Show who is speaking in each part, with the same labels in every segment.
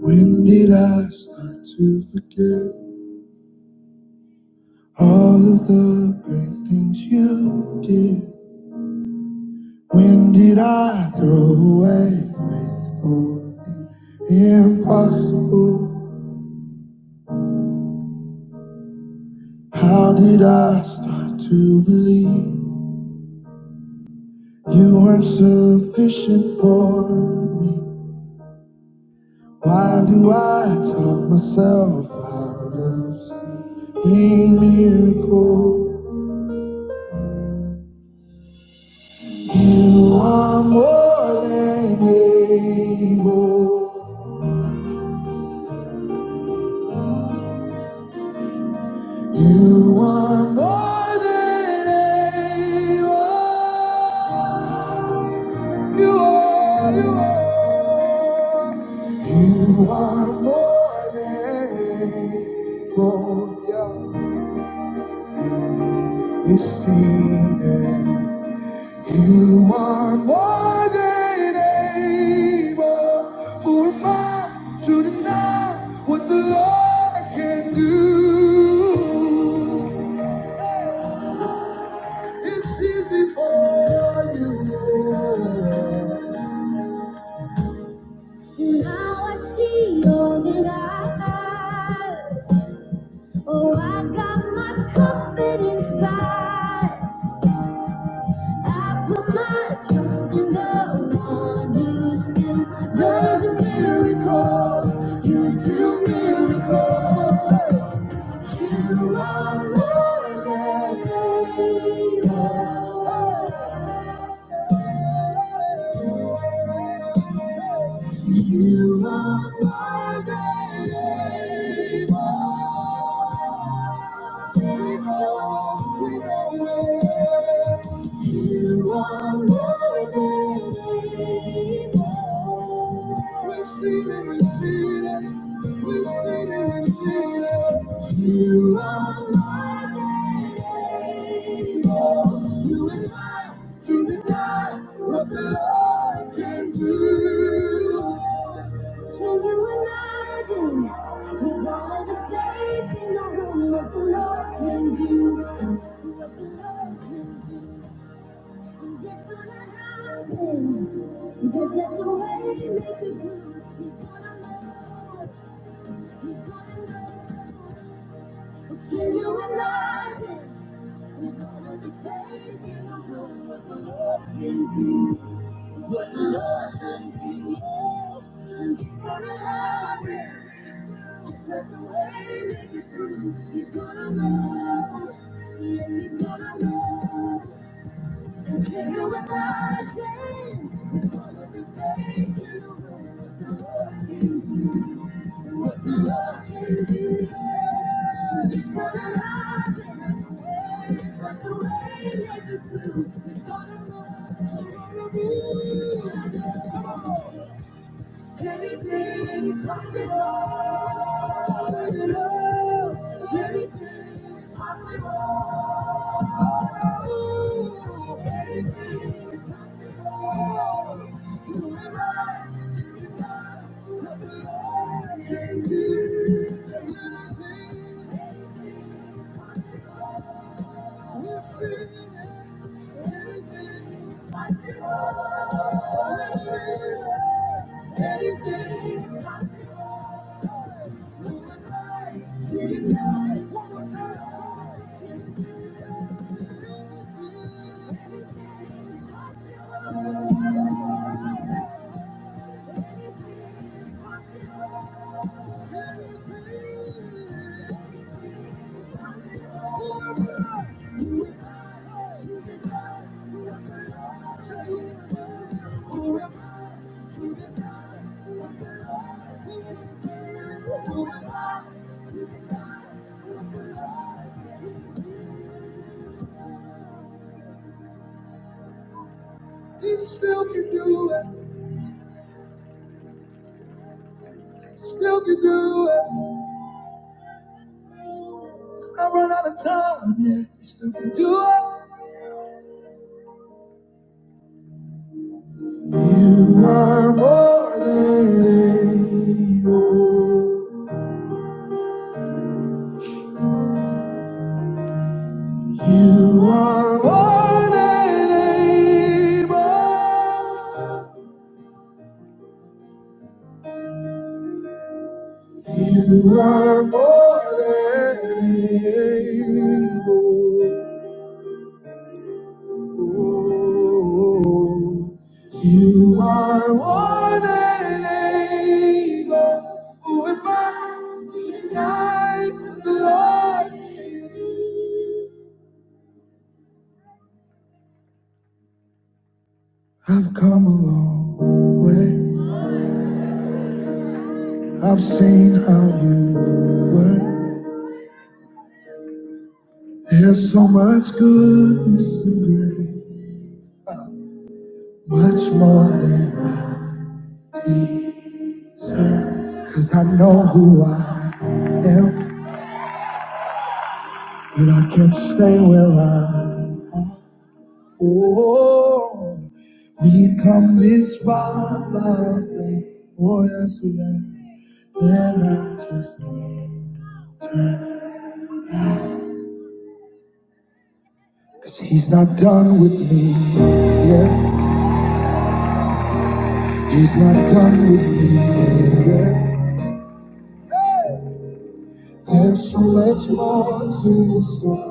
Speaker 1: When did I start to forget all of the great things you did? When did I throw away faith for the impossible? How did I start to believe you weren't sufficient for me? Why do I talk myself out of seeing miracles? You are more than able. You are more than able. You are, you are. You are more than able. Yeah. Exceeding. You are more than able. Who am I to deny what the Lord can do? It's easy for you. I put my trust in the one who still does miracles. You do miracles. More than able. He still can do it, still can do it. He's not run out of time yet, he still can do it. You are more than able. You are more than able. You are more than able. You are more than able. Who am I to deny the Lord? I've come a long way. I've seen how you work. There's so much goodness and grace, much more than I deserve. Cause I know who I am, but I can't stay where I am. Oh, we've come this far by faith. Oh, yes, we have. And I just can't turn. Cause he's not done with me, yet. He's not done with me, yet. There's so much more to the story.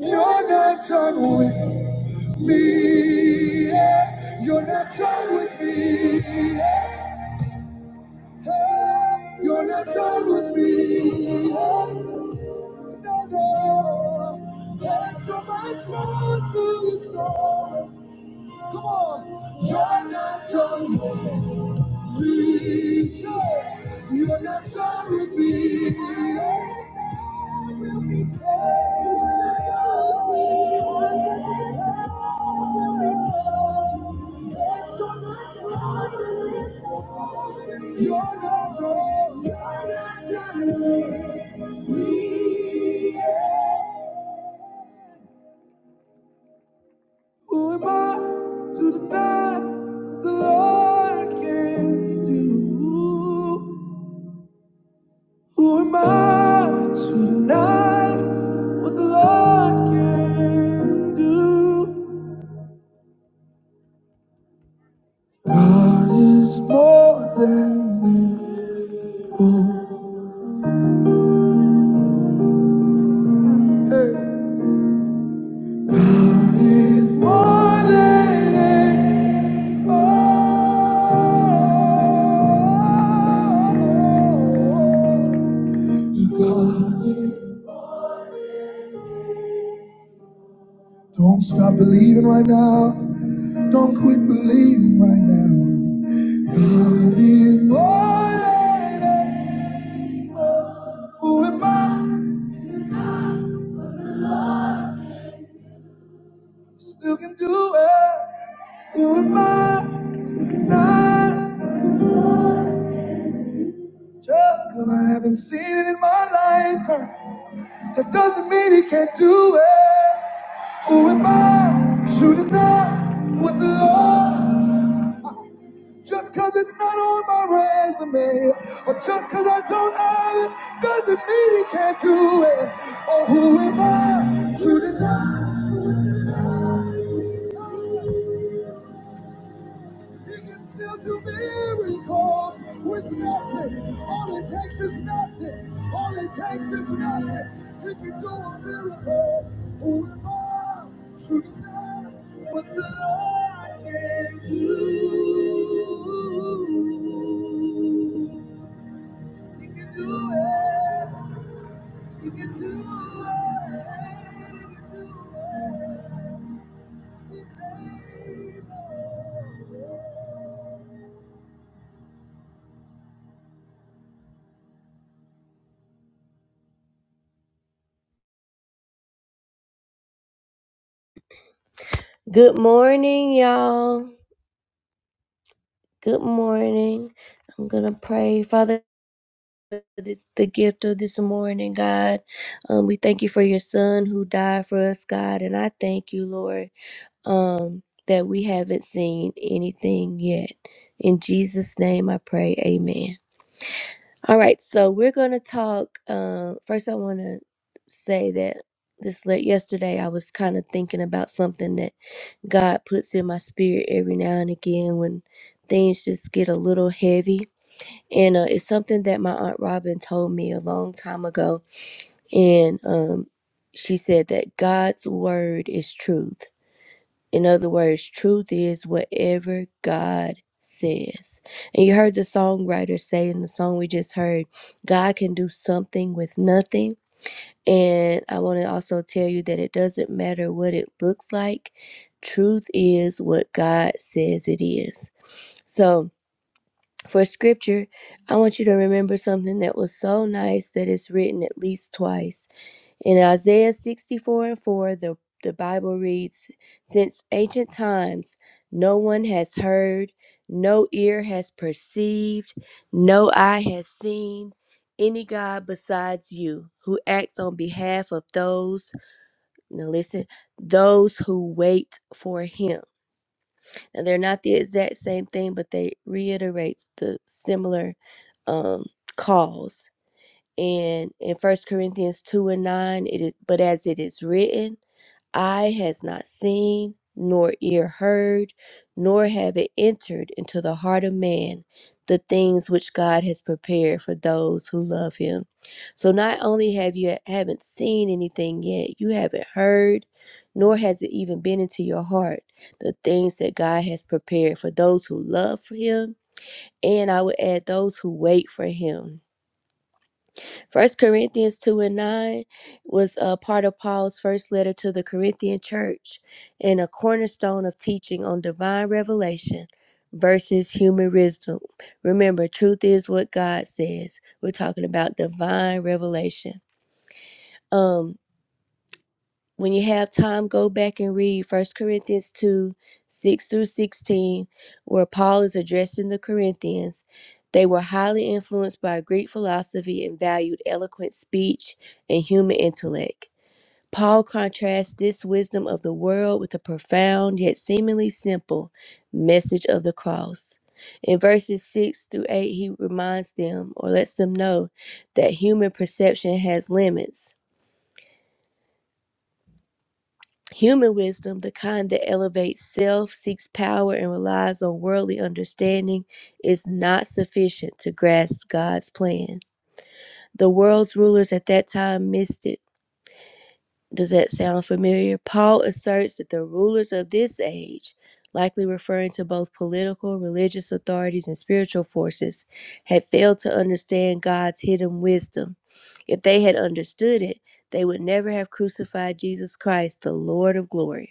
Speaker 1: You're not done with me. yeah. You're not done with me. yeah. You're not done with me. yeah. Who am I to deny the Lord can do? Who am I to deny what the Lord can do? God is more than able. Hey. is more than enough. Don't stop believing right now. Don't quit believing right now. God is more than able. Who am I? Still can do it. Who am I? Not just 'cause I haven't seen it in my lifetime. That doesn't mean he can't do it. Who am I to deny what the Lord? Just cause it's not on my resume, or just cause I don't have it, doesn't mean he can't do it. Oh, who am I to deny? Good morning, y'all. Good morning. I'm gonna pray, Father. This, the gift of this morning, God. Um, we thank you for your son who died for us, God. And I thank you, Lord. um, that we haven't seen anything yet. In Jesus' name I pray, amen. All right, so we're going to talk. Um, first, I want to say that this le- yesterday I was kind of thinking about something that God puts in my spirit every now and again when things just get a little heavy. And uh, it's something that my Aunt Robin told me a long time ago. And um, she said that God's word is truth in other words, truth is whatever God says. And you heard the songwriter say in the song we just heard, God can do something with nothing. And I want to also tell you that it doesn't matter what it looks like, truth is what God says it is. So, for scripture, I want you to remember something that was so nice that it's written at least twice in Isaiah 64 and 4, the, the Bible reads Since ancient times, no one has heard, no ear has perceived, no eye has seen any God besides you who acts on behalf of those, now listen, those who wait for him. Now, they're not the exact same thing, but they reiterates the similar um, cause and in first corinthians 2 and 9 it is but as it is written eye has not seen nor ear heard nor have it entered into the heart of man the things which god has prepared for those who love him so not only have you haven't seen anything yet you haven't heard nor has it even been into your heart the things that god has prepared for those who love him and i would add those who wait for him First Corinthians 2 and 9 was a part of Paul's first letter to the Corinthian church and a cornerstone of teaching on divine revelation versus human wisdom. Remember, truth is what God says. We're talking about divine revelation. Um when you have time, go back and read First Corinthians 2 6 through 16, where Paul is addressing the Corinthians. They were highly influenced by Greek philosophy and valued eloquent speech and human intellect. Paul contrasts this wisdom of the world with the profound yet seemingly simple message of the cross. In verses 6 through 8, he reminds them or lets them know that human perception has limits Human wisdom, the kind that elevates self, seeks power, and relies on worldly understanding, is not sufficient to grasp God's plan. The world's rulers at that time missed it. Does that sound familiar? Paul asserts that the rulers of this age, likely referring to both political, religious authorities, and spiritual forces, had failed to understand God's hidden wisdom. If they had understood it, they would never have crucified Jesus Christ, the Lord of glory.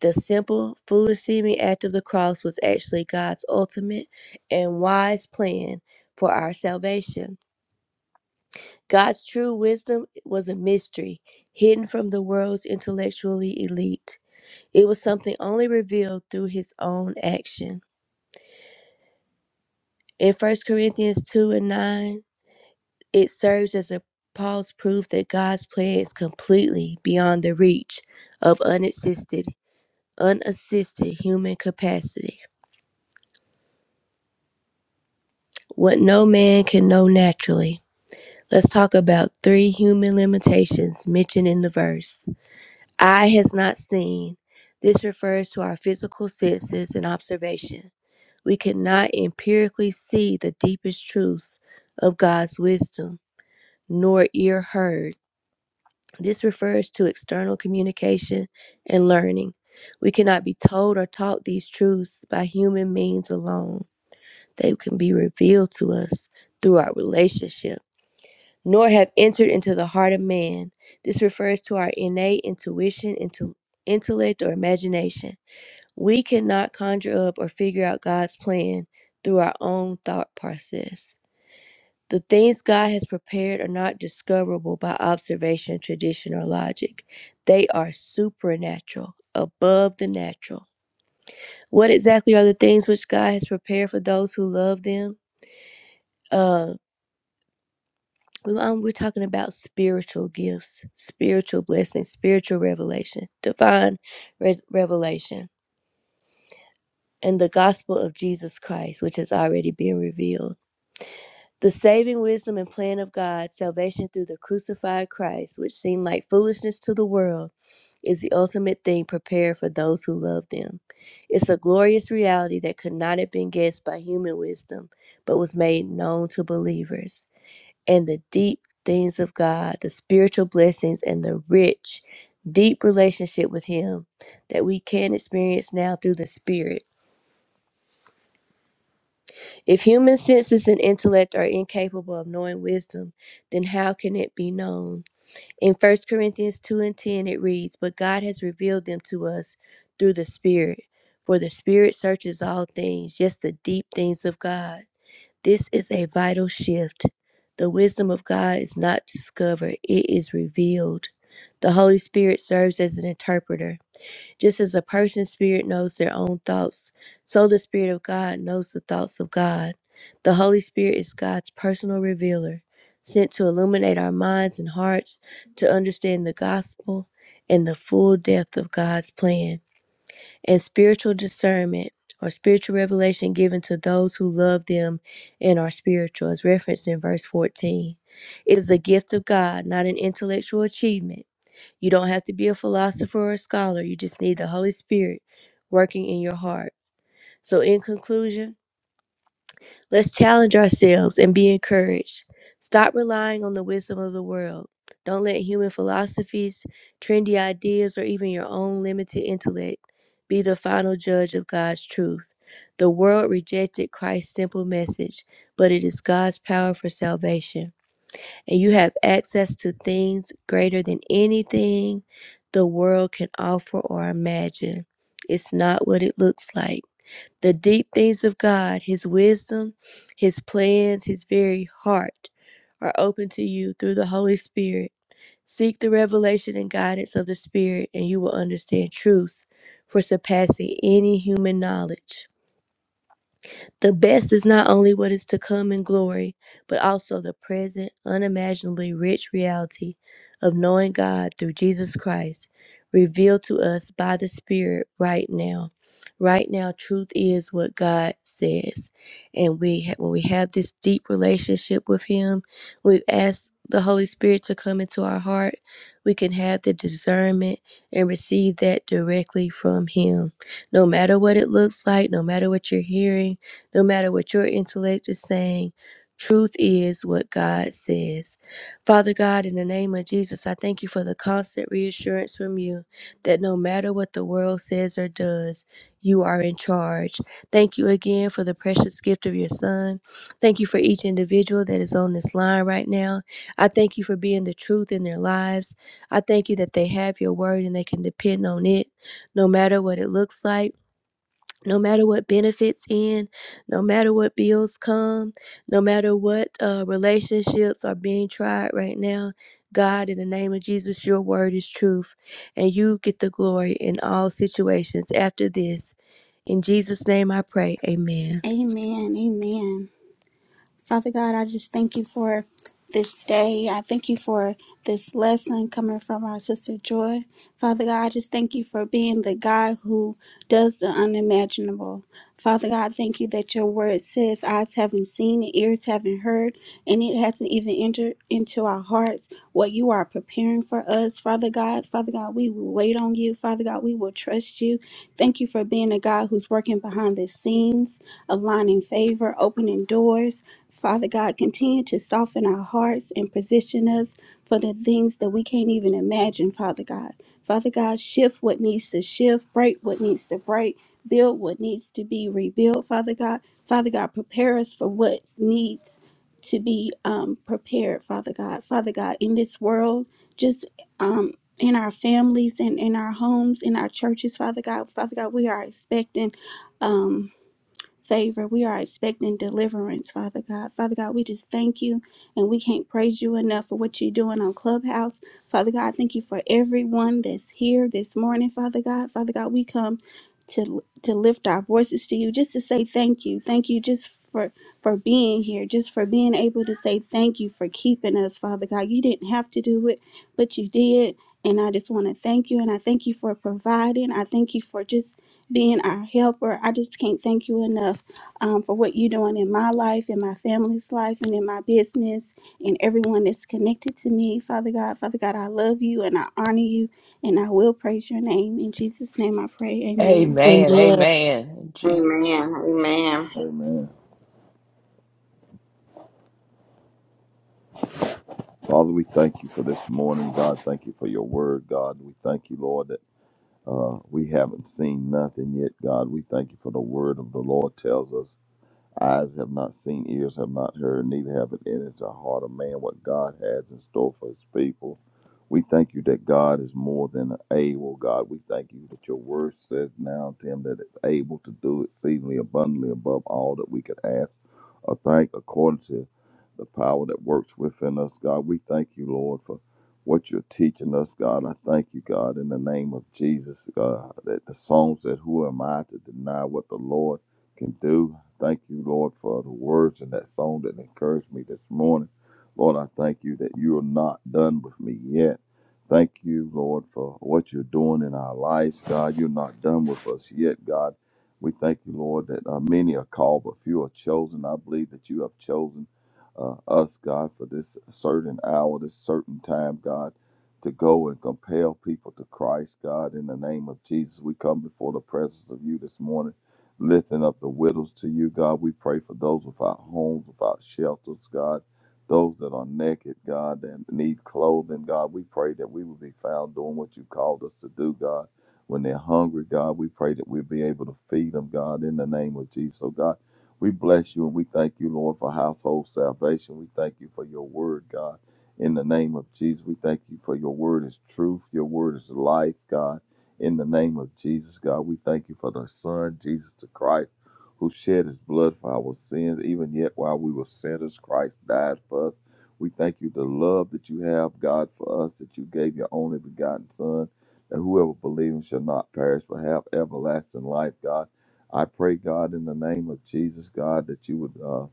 Speaker 1: The simple, foolish seeming act of the cross was actually God's ultimate and wise plan for our salvation. God's true wisdom was a mystery, hidden from the world's intellectually elite. It was something only revealed through his own action. In First Corinthians 2 and 9, it serves as a Paul's proof that God's plan is completely beyond the reach of unassisted, unassisted human capacity. what no man can know naturally. Let's talk about three human limitations mentioned in the verse. Eye has not seen. This refers to our physical senses and observation. We cannot empirically see the deepest truths of God's wisdom, nor ear heard. This refers to external communication and learning. We cannot be told or taught these truths by human means alone. They can be revealed to us through our relationship nor have entered into the heart of man. This refers to our innate intuition, intu- intellect, or imagination. We cannot conjure up or figure out God's plan through our own thought process. The things God has prepared are not discoverable by observation, tradition, or logic. They are supernatural, above the natural. What exactly are the things which God has prepared for those who love them? Uh, We- Um, we're talking about spiritual gifts, spiritual blessings, spiritual revelation, divine re- revelation, and the gospel of Jesus Christ, which has already been revealed. The saving wisdom and plan of God, salvation through the crucified Christ, which seemed like foolishness to the world, is the ultimate thing prepared for those who love them. It's a glorious reality that could not have been guessed by human wisdom, but was made known to believers. and the deep things of God, the spiritual blessings and the rich, deep relationship with Him that we can experience now through the Spirit. If human senses and intellect are incapable of knowing wisdom, then how can it be known? In First Corinthians 2 and 10, it reads, But God has revealed them to us through the Spirit. For the Spirit searches all things, yes, the deep things of God. This is a vital shift. The wisdom of God is not discovered, it is revealed. The Holy Spirit serves as an interpreter. Just as a person's spirit knows their own thoughts, so the Spirit of God knows the thoughts of God. The Holy Spirit is God's personal revealer, sent to illuminate our minds and hearts to understand the gospel and the full depth of God's plan and spiritual discernment or spiritual revelation given to those who love them and are spiritual, as referenced in verse 14. It is a gift of God, not an intellectual achievement. You don't have to be a philosopher or a scholar, you just need the Holy Spirit working in your heart. So, in conclusion, Let's challenge ourselves and be encouraged. Stop relying on the wisdom of the world. Don't let human philosophies, trendy ideas, or even your own limited intellect be the final judge of God's truth. The world rejected Christ's simple message, but it is God's power for salvation. And you have access to things greater than anything the world can offer or imagine. It's not what it looks like the deep things of God, His wisdom, His plans, His very heart are open to you through the Holy Spirit. Seek the revelation and guidance of the Spirit, and you will understand truths for surpassing any human knowledge. The best is not only what is to come in glory, but also the present, unimaginably rich reality of knowing God through Jesus Christ, revealed to us by the Spirit right now. Right now, truth is what God says, and we ha- when we have this deep relationship with Him, we've asked the Holy Spirit to come into our heart. We can have the discernment and receive that directly from Him. No matter what it looks like, no matter what you're hearing no matter what your intellect is saying, truth is what God says. Father God, in the name of Jesus, I thank you for the constant reassurance from you that no matter what the world says or does, you are in charge. Thank you again for the precious gift of your son. Thank you for each individual that is on this line right now. I thank you for being the truth in their lives. I thank you that they have your word and they can depend on it no matter what it looks like no matter what benefits end, no matter what bills come, no matter what uh, relationships are being tried right now, God, in the name of Jesus, your word is truth, and you get the glory in all situations after this. In Jesus' name I pray. Amen.
Speaker 2: Amen. Amen. Father God, I just thank you for this day. I thank you for this lesson coming from our sister Joy. Father God, I just thank you for being the God who does the unimaginable. Father God, thank you that your word says eyes haven't seen, and ears haven't heard, and it hasn't even entered into our hearts what you are preparing for us. Father God, Father God, we will wait on you. Father God, we will trust you. Thank you for being a God who's working behind the scenes, aligning favor, opening doors. Father God, continue to soften our hearts and position us for the things that we can't even imagine, Father God. Father God, shift what needs to shift, break what needs to break, build what needs to be rebuilt, Father God. Father God, prepare us for what needs to be um, prepared, Father God. Father God, in this world, just um, in our families and in our homes, in our churches, Father God, Father God, we are expecting. Um, favor. We are expecting deliverance, Father God. Father God, we just thank you and we can't praise you enough for what you're doing on Clubhouse. Father God, thank you for everyone that's here this morning, Father God. Father God, we come to to lift our voices to you just to say thank you. Thank you just for for being here, just for being able to say thank you for keeping us, Father God. You didn't have to do it, but you did. And I just want to thank you. And I thank you for providing. I thank you for just being our helper. I just can't thank you enough um, for what you're doing in my life, in my family's life, and in my business, and everyone that's connected to me. Father God, Father God, I love you and I honor you, and I will praise your name. In Jesus' name I pray. Amen.
Speaker 3: Amen. Amen. Je-
Speaker 4: Amen. Amen.
Speaker 5: Amen. Father, we thank you for this morning, God. Thank you for your word, God. We thank you, Lord, that uh, we haven't seen nothing yet, God. We thank you for the word of the Lord tells us Eyes have not seen, ears have not heard, neither have it entered the heart of man what God has in store for his people. We thank you that God is more than able, God. We thank you that your word says now, Tim, that it's able to do exceedingly abundantly above all that we could ask or thank according to the power that works within us, God. We thank you, Lord, for what you're teaching us, God. I thank you, God, in the name of Jesus, God, that the songs that Who am I to deny what the Lord can do? thank you, Lord, for the words in that song that encouraged me this morning. Lord, I thank you that you are not done with me yet. Thank you, Lord, for what you're doing in our lives, God. You're not done with us yet, God. We thank you, Lord, that uh, many are called, but few are chosen. I believe that you have chosen uh, us, God, for this certain hour, this certain time, God, to go and compel people to Christ, God. In the name of Jesus, we come before the presence of you this morning lifting up the widows to you, God. We pray for those without homes, without shelters, God. Those that are naked, God, and need clothing, God. We pray that we will be found doing what you called us to do, God. When they're hungry, God, we pray that we'll be able to feed them, God, in the name of Jesus. So, God, we bless you and we thank you, Lord, for household salvation. We thank you for your word, God. In the name of Jesus, we thank you for your word is truth. Your word is life, God. In the name of Jesus, God, we thank you for the Son, Jesus the Christ, who shed his blood for our sins, even yet while we were sinners, Christ died for us. We thank you the love that you have, God, for us, that you gave your only begotten Son, that whoever believes shall not perish but have everlasting life, God. I pray, God, in the name of Jesus, God, that you would. Uh,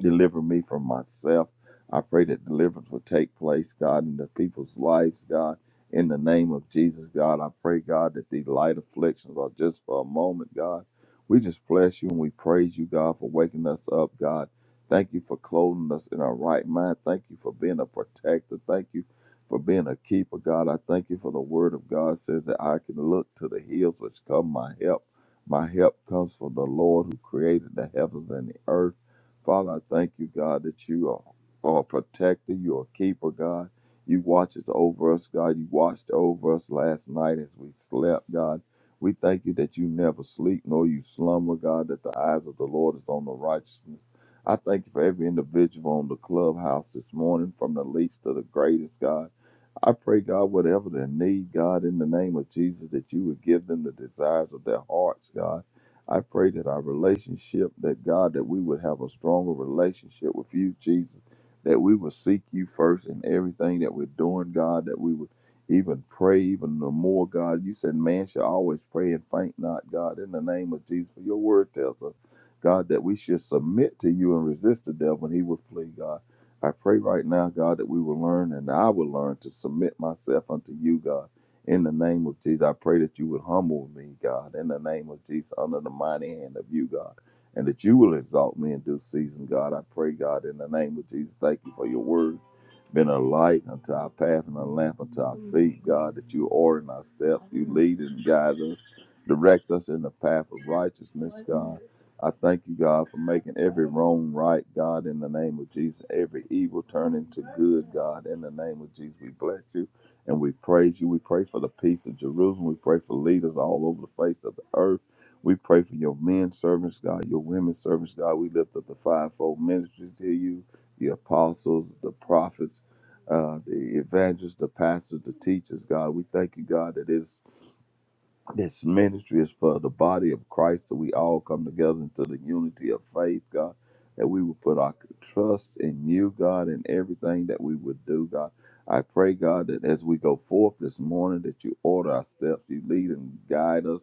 Speaker 5: Deliver me from myself. I pray that deliverance will take place, God, in the people's lives, God. In the name of Jesus, God, I pray, God, that these light afflictions are just for a moment, God. We just bless you and we praise you, God, for waking us up, God. Thank you for clothing us in our right mind. Thank you for being a protector. Thank you for being a keeper, God. I thank you for the word of God says that I can look to the hills which come my help. My help comes from the Lord who created the heavens and the earth. Father, I thank you, God, that you are, are a protector, you're a keeper, God. You watches over us, God. You watched over us last night as we slept, God. We thank you that you never sleep nor you slumber, God, that the eyes of the Lord is on the righteousness. I thank you for every individual on the clubhouse this morning, from the least to the greatest, God. I pray, God, whatever their need, God, in the name of Jesus, that you would give them the desires of their hearts, God. I pray that our relationship, that God, that we would have a stronger relationship with you, Jesus, that we would seek you first in everything that we're doing, God, that we would even pray even the more, God. You said man should always pray and faint not, God, in the name of Jesus. For your word tells us, God, that we should submit to you and resist the devil and he would flee, God. I pray right now, God, that we will learn and I will learn to submit myself unto you, God. In the name of Jesus, I pray that you would humble me, God. In the name of Jesus, under the mighty hand of you, God. And that you will exalt me in due season, God. I pray, God, in the name of Jesus, thank you for your word. Been a light unto our path and a lamp unto our feet, God, that you order in our steps, you lead and guide us, direct us in the path of righteousness, God. I thank you, God, for making every wrong right, God, in the name of Jesus. Every evil turn into good, God, in the name of Jesus. We bless you and we praise you. We pray for the peace of Jerusalem. We pray for leaders all over the face of the earth. We pray for your men servants, God, your women servants, God. We lift up the fivefold ministries to you, the apostles, the prophets, uh, the evangelists, the pastors, the teachers, God. We thank you, God, that it is this ministry is for the body of Christ that we all come together into the unity of faith, God, that we will put our trust in you, God, in everything that we would do, God. I pray, God, that as we go forth this morning, that you order our steps, you lead and guide us.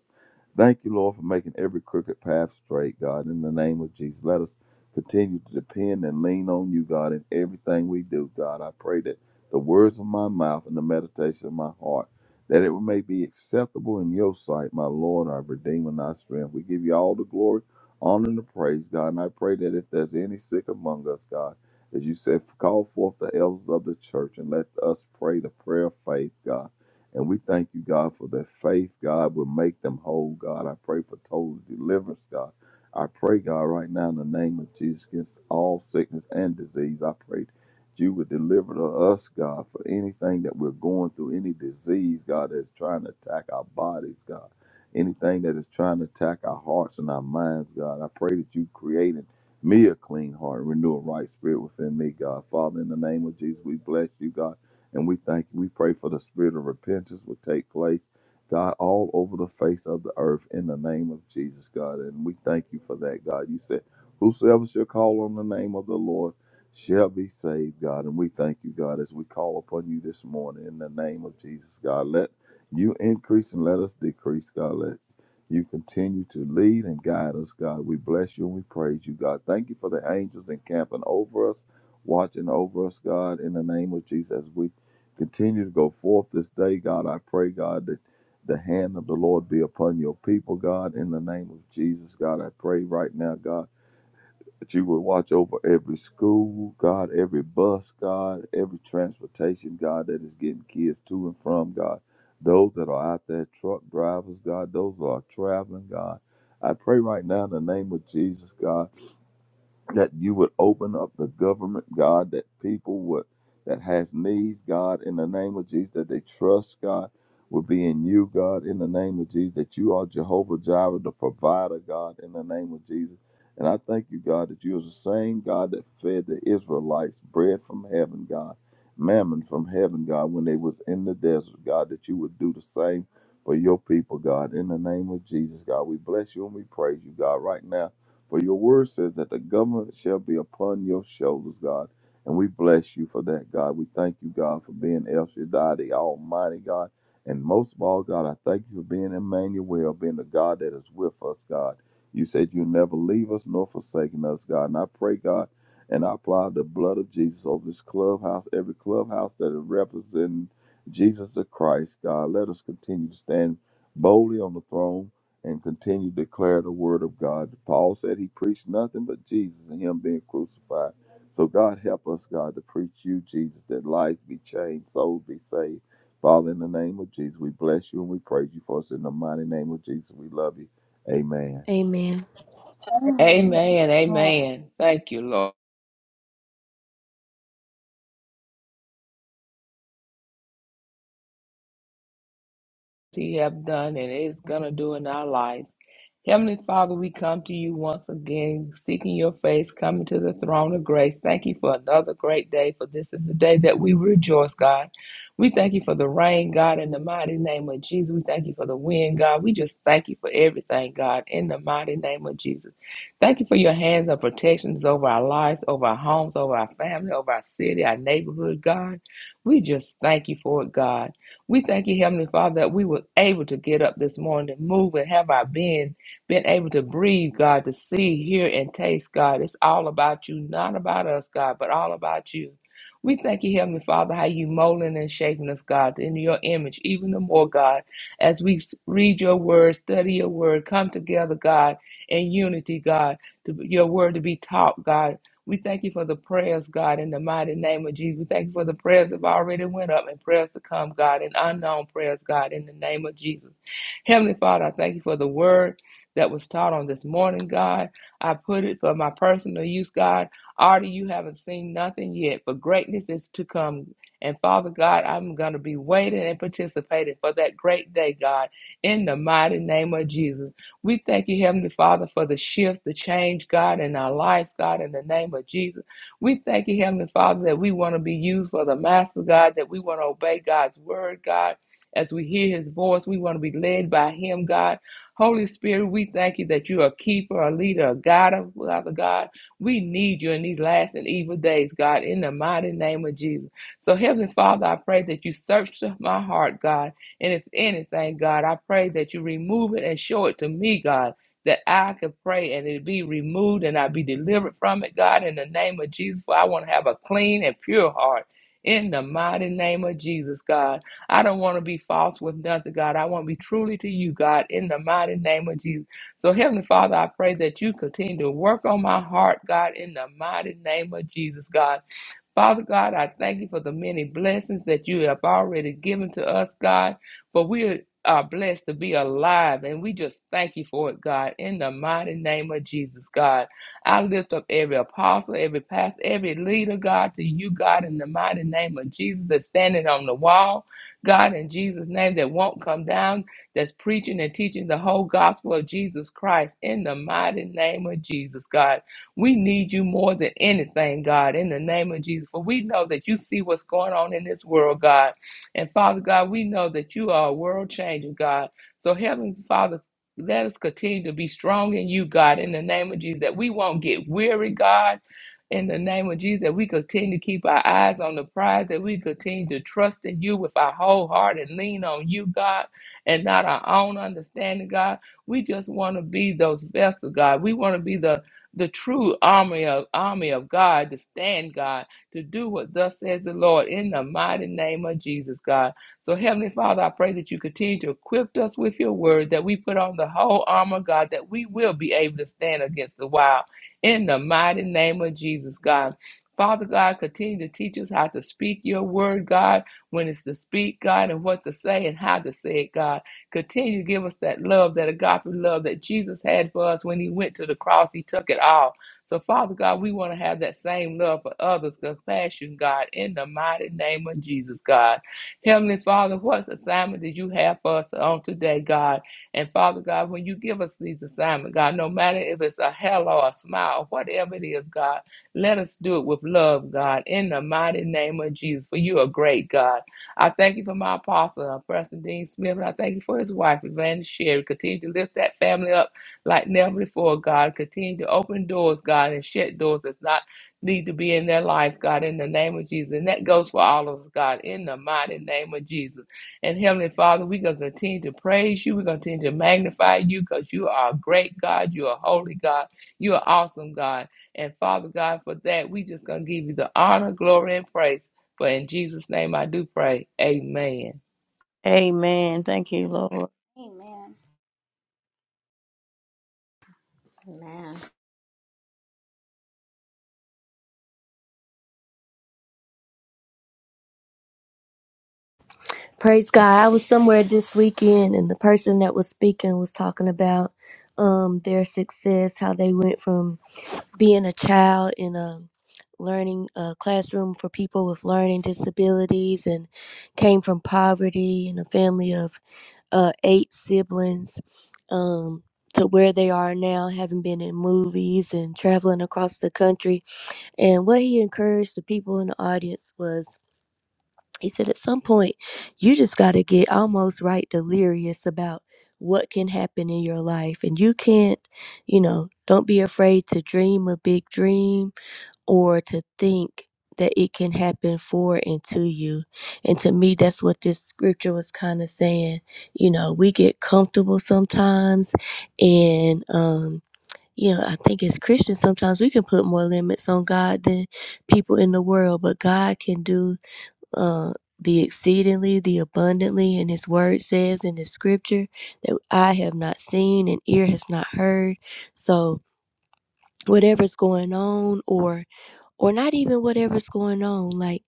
Speaker 5: Thank you, Lord, for making every crooked path straight, God. In the name of Jesus, let us continue to depend and lean on you, God, in everything we do, God. I pray that the words of my mouth and the meditation of my heart that it may be acceptable in your sight, my Lord, our Redeemer, and our strength. We give you all the glory, honor, and the praise, God. And I pray that if there's any sick among us, God, as you said, call forth the elders of the church and let us pray the prayer of faith, God. And we thank you, God, for that faith, God, will make them whole, God. I pray for total deliverance, God. I pray, God, right now in the name of Jesus against all sickness and disease. I pray you would deliver to us, God, for anything that we're going through, any disease, God, that's trying to attack our bodies, God, anything that is trying to attack our hearts and our minds, God. I pray that you create in me a clean heart and renew a right spirit within me, God. Father, in the name of Jesus, we bless you, God, and we thank you. We pray for the spirit of repentance will take place. God, all over the face of the earth in the name of Jesus, God. And we thank you for that, God. You said, Whosoever shall call on the name of the Lord shall be saved, God. And we thank you, God, as we call upon you this morning in the name of Jesus, God. Let you increase and let us decrease, God. Let you continue to lead and guide us, God. We bless you and we praise you, God. Thank you for the angels encamping over us, watching over us, God, in the name of Jesus. As we continue to go forth this day, God, I pray, God, that the hand of the Lord be upon your people, God, in the name of Jesus, God. I pray right now, God that you would watch over every school, God, every bus, God, every transportation, God, that is getting kids to and from, God, those that are out there, truck drivers, God, those that are traveling, God. I pray right now in the name of Jesus, God that you would open up the government, God, that people would that has needs, God, in the name of Jesus, that they trust God will be in you, God, in the name of Jesus, that you are Jehovah Jireh, the provider, God, in the name of Jesus. And I thank you, God, that you are the same God that fed the Israelites bread from heaven, God, mammon from heaven, God, when they was in the desert, God, that you would do the same for your people, God, in the name of Jesus, God. We bless you and we praise you, God, right now for your word says that the government shall be upon your shoulders, God. And we bless you for that, God. We thank you, God, for being El Shaddai, the Almighty God. And most of all, God, I thank you for being Emmanuel, being the God that is with us, God. You said you never leave us nor forsaken us, God. And I pray, God, and I apply the blood of Jesus over this clubhouse, every clubhouse that is representing Jesus the Christ, God. Let us continue to stand boldly on the throne and continued to declare the word of God. Paul said he preached nothing but Jesus and him being crucified. So God help us, God, to preach you, Jesus, that lives be changed, souls be saved. Father, in the name of Jesus, we bless you and we praise you for us. In the mighty name of Jesus, we love you. Amen.
Speaker 1: Amen.
Speaker 3: Amen. Amen. Thank you, Lord. He have done and is gonna do in our life. Heavenly Father, we come to you once again, seeking your face, coming to the throne of grace. Thank you for another great day, for this is the day that we rejoice, God. We thank you for the rain, God, in the mighty name of Jesus. We thank you for the wind, God. We just thank you for everything, God, in the mighty name of Jesus. Thank you for your hands of protections over our lives, over our homes, over our family, over our city, our neighborhood, God. We just thank you for it, God. We thank you, Heavenly Father, that we were able to get up this morning and move and have our being being able to breathe, God, to see, hear, and taste, God. It's all about you, not about us, God, but all about you. We thank you, Heavenly Father, how you molding and shaping us, God, into your image, even the more, God, as we s- read your word, study your word, come together, God, in unity, God, to your word to be taught, God. We thank you for the prayers, God, in the mighty name of Jesus. We thank you for the prayers that have already went up and prayers to come, God, and unknown prayers, God, in the name of Jesus. Heavenly Father, I thank you for the word that was taught on this morning, God. I put it for my personal use, God. Already you haven't seen nothing yet, but greatness is to come. And Father God, I'm going to be waiting and participating for that great day, God, in the mighty name of Jesus. We thank you, Heavenly Father, for the shift, the change, God, in our lives, God, in the name of Jesus. We thank you, Heavenly Father, that we want to be used for the Master, God, that we want to obey God's word, God. As we hear his voice, we want to be led by him, God. Holy Spirit, we thank you that you are a keeper, a leader, a guide, Father God. We need you in these last and evil days, God, in the mighty name of Jesus. So, Heavenly Father, I pray that you search my heart, God. And if anything, God, I pray that you remove it and show it to me, God. That I could pray and it be removed and I be delivered from it, God, in the name of Jesus. For I want to have a clean and pure heart in the mighty name of Jesus, God. I don't want to be false with nothing, God. I want to be truly to you, God, in the mighty name of Jesus. So, Heavenly Father, I pray that you continue to work on my heart, God, in the mighty name of Jesus, God. Father God, I thank you for the many blessings that you have already given to us, God. For we are blessed to be alive, and we just thank you for it, God. In the mighty name of Jesus, God, I lift up every apostle, every pastor, every leader, God, to you, God, in the mighty name of Jesus that's standing on the wall, God, in Jesus' name that won't come down, that's preaching and teaching the whole gospel of Jesus Christ in the mighty name of Jesus, God. We need you more than anything, God, in the name of Jesus. For we know that you see what's going on in this world, God. And Father God, we know that you are a world changer, God. So, Heavenly Father, let us continue to be strong in you, God, in the name of Jesus, that we won't get weary, God. In the name of Jesus, that we continue to keep our eyes on the prize, that we continue to trust in you with our whole heart and lean on you, God, and not our own understanding, God. We just want to be those vessels, God. We want to be the the true army of army of God to stand God to do what thus says the Lord in the mighty name of Jesus God. So Heavenly Father, I pray that you continue to equip us with your word that we put on the whole armor God that we will be able to stand against the wild in the mighty name of Jesus God. Father God, continue to teach us how to speak your word, God, when it's to speak, God, and what to say and how to say it, God. Continue to give us that love, that agape love that Jesus had for us when he went to the cross. He took it all. So, Father God, we want to have that same love for others, compassion, God, in the mighty name of Jesus, God. Heavenly Father, what assignment did you have for us on today, God? And Father God, when you give us these assignments, God, no matter if it's a hello, a smile, whatever it is, God, let us do it with love, God, in the mighty name of Jesus, for you are great, God. I thank you for my apostle, Preston Dean Smith, and I thank you for his wife, Evangelist Sherry. Continue to lift that family up like never before, God. Continue to open doors, God, and shut doors that's not need to be in their lives, God, in the name of Jesus. And that goes for all of us, God, in the mighty name of Jesus. And Heavenly Father, we're going to continue to praise you. We're going to continue to magnify you because you are a great God. You are a holy God. You are awesome, God. And Father God, for that, we just going to give you the honor, glory, and praise. For in Jesus' name I do pray. Amen.
Speaker 6: Amen. Thank you, Lord.
Speaker 2: Amen.
Speaker 4: Amen.
Speaker 1: Praise God. I was somewhere this weekend and the person that was speaking was talking about um their success, how they went from being a child in a learning uh, classroom for people with learning disabilities and came from poverty and a family of uh, eight siblings um, to where they are now, having been in movies and traveling across the country. And what he encouraged the people in the audience was he said, at some point, you just got to get almost right delirious about what can happen in your life. And you can't, you know, don't be afraid to dream a big dream or to think that it can happen for and to you. And to me, that's what this scripture was kind of saying. You know, we get comfortable sometimes, and, um, you know, I think as Christians, sometimes we can put more limits on God than people in the world, but God can do uh, the exceedingly, the abundantly, and His Word says in the Scripture that I have not seen and ear has not heard. So, whatever's going on, or or not even whatever's going on. Like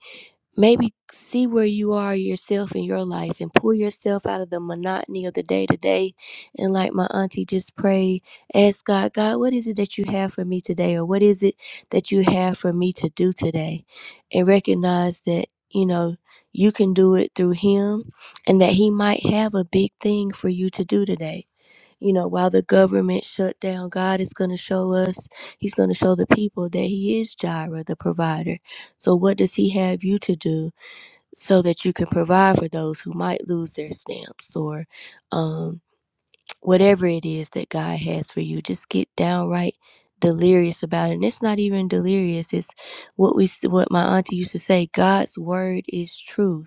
Speaker 1: maybe see where you are yourself in your life and pull yourself out of the monotony of the day to day. And like my auntie, just pray, ask God, God, what is it that you have for me today? Or what is it that you have for me to do today? And recognize that, you know, you can do it through Him and that He might have a big thing for you to do today you know, while the government shut down, God is going to show us, He's going to show the people that He is Jireh, the provider. So, what does He have you to do so that you can provide for those who might lose their stamps or um, whatever it is that God has for you? Just get downright delirious about it. And it's not even delirious, it's what we what my auntie used to say God's word is truth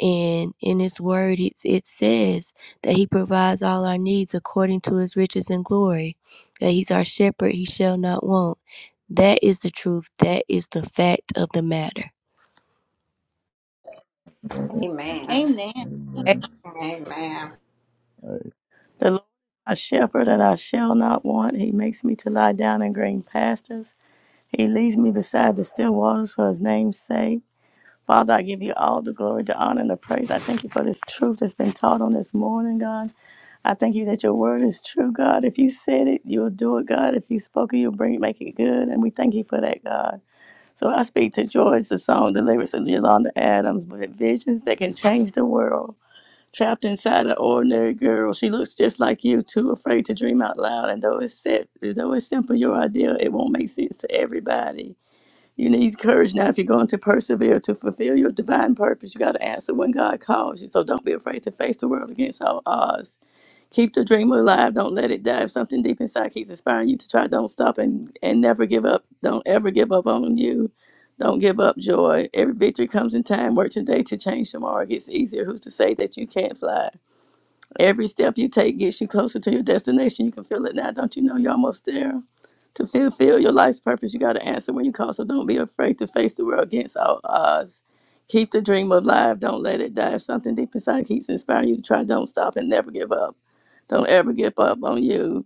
Speaker 1: and in his word it, it says that he provides all our needs according to his riches and glory that he's our shepherd he shall not want that is the truth that is the fact of the matter
Speaker 5: Amen.
Speaker 4: Amen.
Speaker 2: Amen.
Speaker 6: The
Speaker 5: Amen.
Speaker 4: Amen.
Speaker 6: Lord is my shepherd, and I shall not want. He makes me to lie down in green pastures. He leads me beside the still waters for his name's sake. Father, I give you all the glory, the honor, and the praise. I thank you for this truth that's been taught on this morning, God. I thank you that your word is true, God. If you said it, you'll do it, God. If you spoke it, you'll bring it, make it good. And we thank you for that, God. So I speak to George, the song, the lyrics of Yolanda Adams, but visions that can change the world. Trapped inside an ordinary girl, she looks just like you, too afraid to dream out loud. And though it's set, though it's simple, your idea, it won't make sense to everybody. You need courage now if you're going to persevere to fulfill your divine purpose. You got to answer when God calls you. So don't be afraid to face the world against all odds. Keep the dream alive. Don't let it die. If something deep inside keeps inspiring you to try, don't stop and, and never give up. Don't ever give up on you. Don't give up joy. Every victory comes in time. Work today to change tomorrow. It gets easier. Who's to say that you can't fly? Every step you take gets you closer to your destination. You can feel it now. Don't you know you're almost there? To fulfill your life's purpose, you got to answer when you call. So don't be afraid to face the world against all odds. Keep the dream alive. Don't let it die. If something deep inside keeps inspiring you to try, don't stop and never give up. Don't ever give up on you.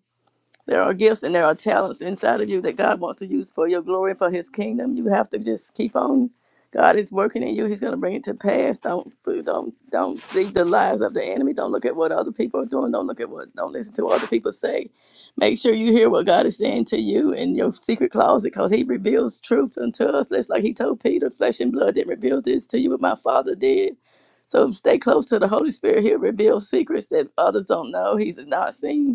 Speaker 6: There are gifts and there are talents inside of you that God wants to use for your glory and for His kingdom. You have to just keep on. God is working in you. He's going to bring it to pass. Don't don't don't read the lies of the enemy. Don't look at what other people are doing. Don't look at what. Don't listen to what other people say. Make sure you hear what God is saying to you in your secret closet, because He reveals truth unto us. Just like He told Peter, flesh and blood didn't reveal this to you, but my Father did. So stay close to the Holy Spirit. He'll reveal secrets that others don't know. He's not seen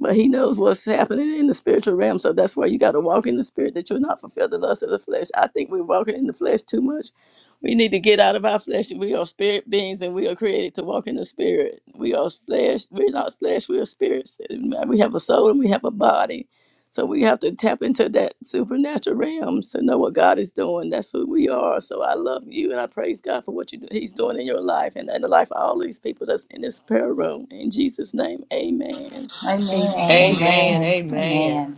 Speaker 6: but he knows what's happening in the spiritual realm. So that's why you got to walk in the spirit that you'll not fulfill the lust of the flesh. I think we're walking in the flesh too much. We need to get out of our flesh. We are spirit beings and we are created to walk in the spirit. We are flesh. We're not flesh. We are spirits. We have a soul and we have a body. So we have to tap into that supernatural realm to know what God is doing. That's who we are. So I love you and I praise God for what you do. He's doing in your life and in the life of all these people that's in this prayer room. In Jesus' name, amen.
Speaker 7: Amen.
Speaker 1: amen
Speaker 3: Amen.
Speaker 7: Amen.
Speaker 3: Amen.
Speaker 7: Amen.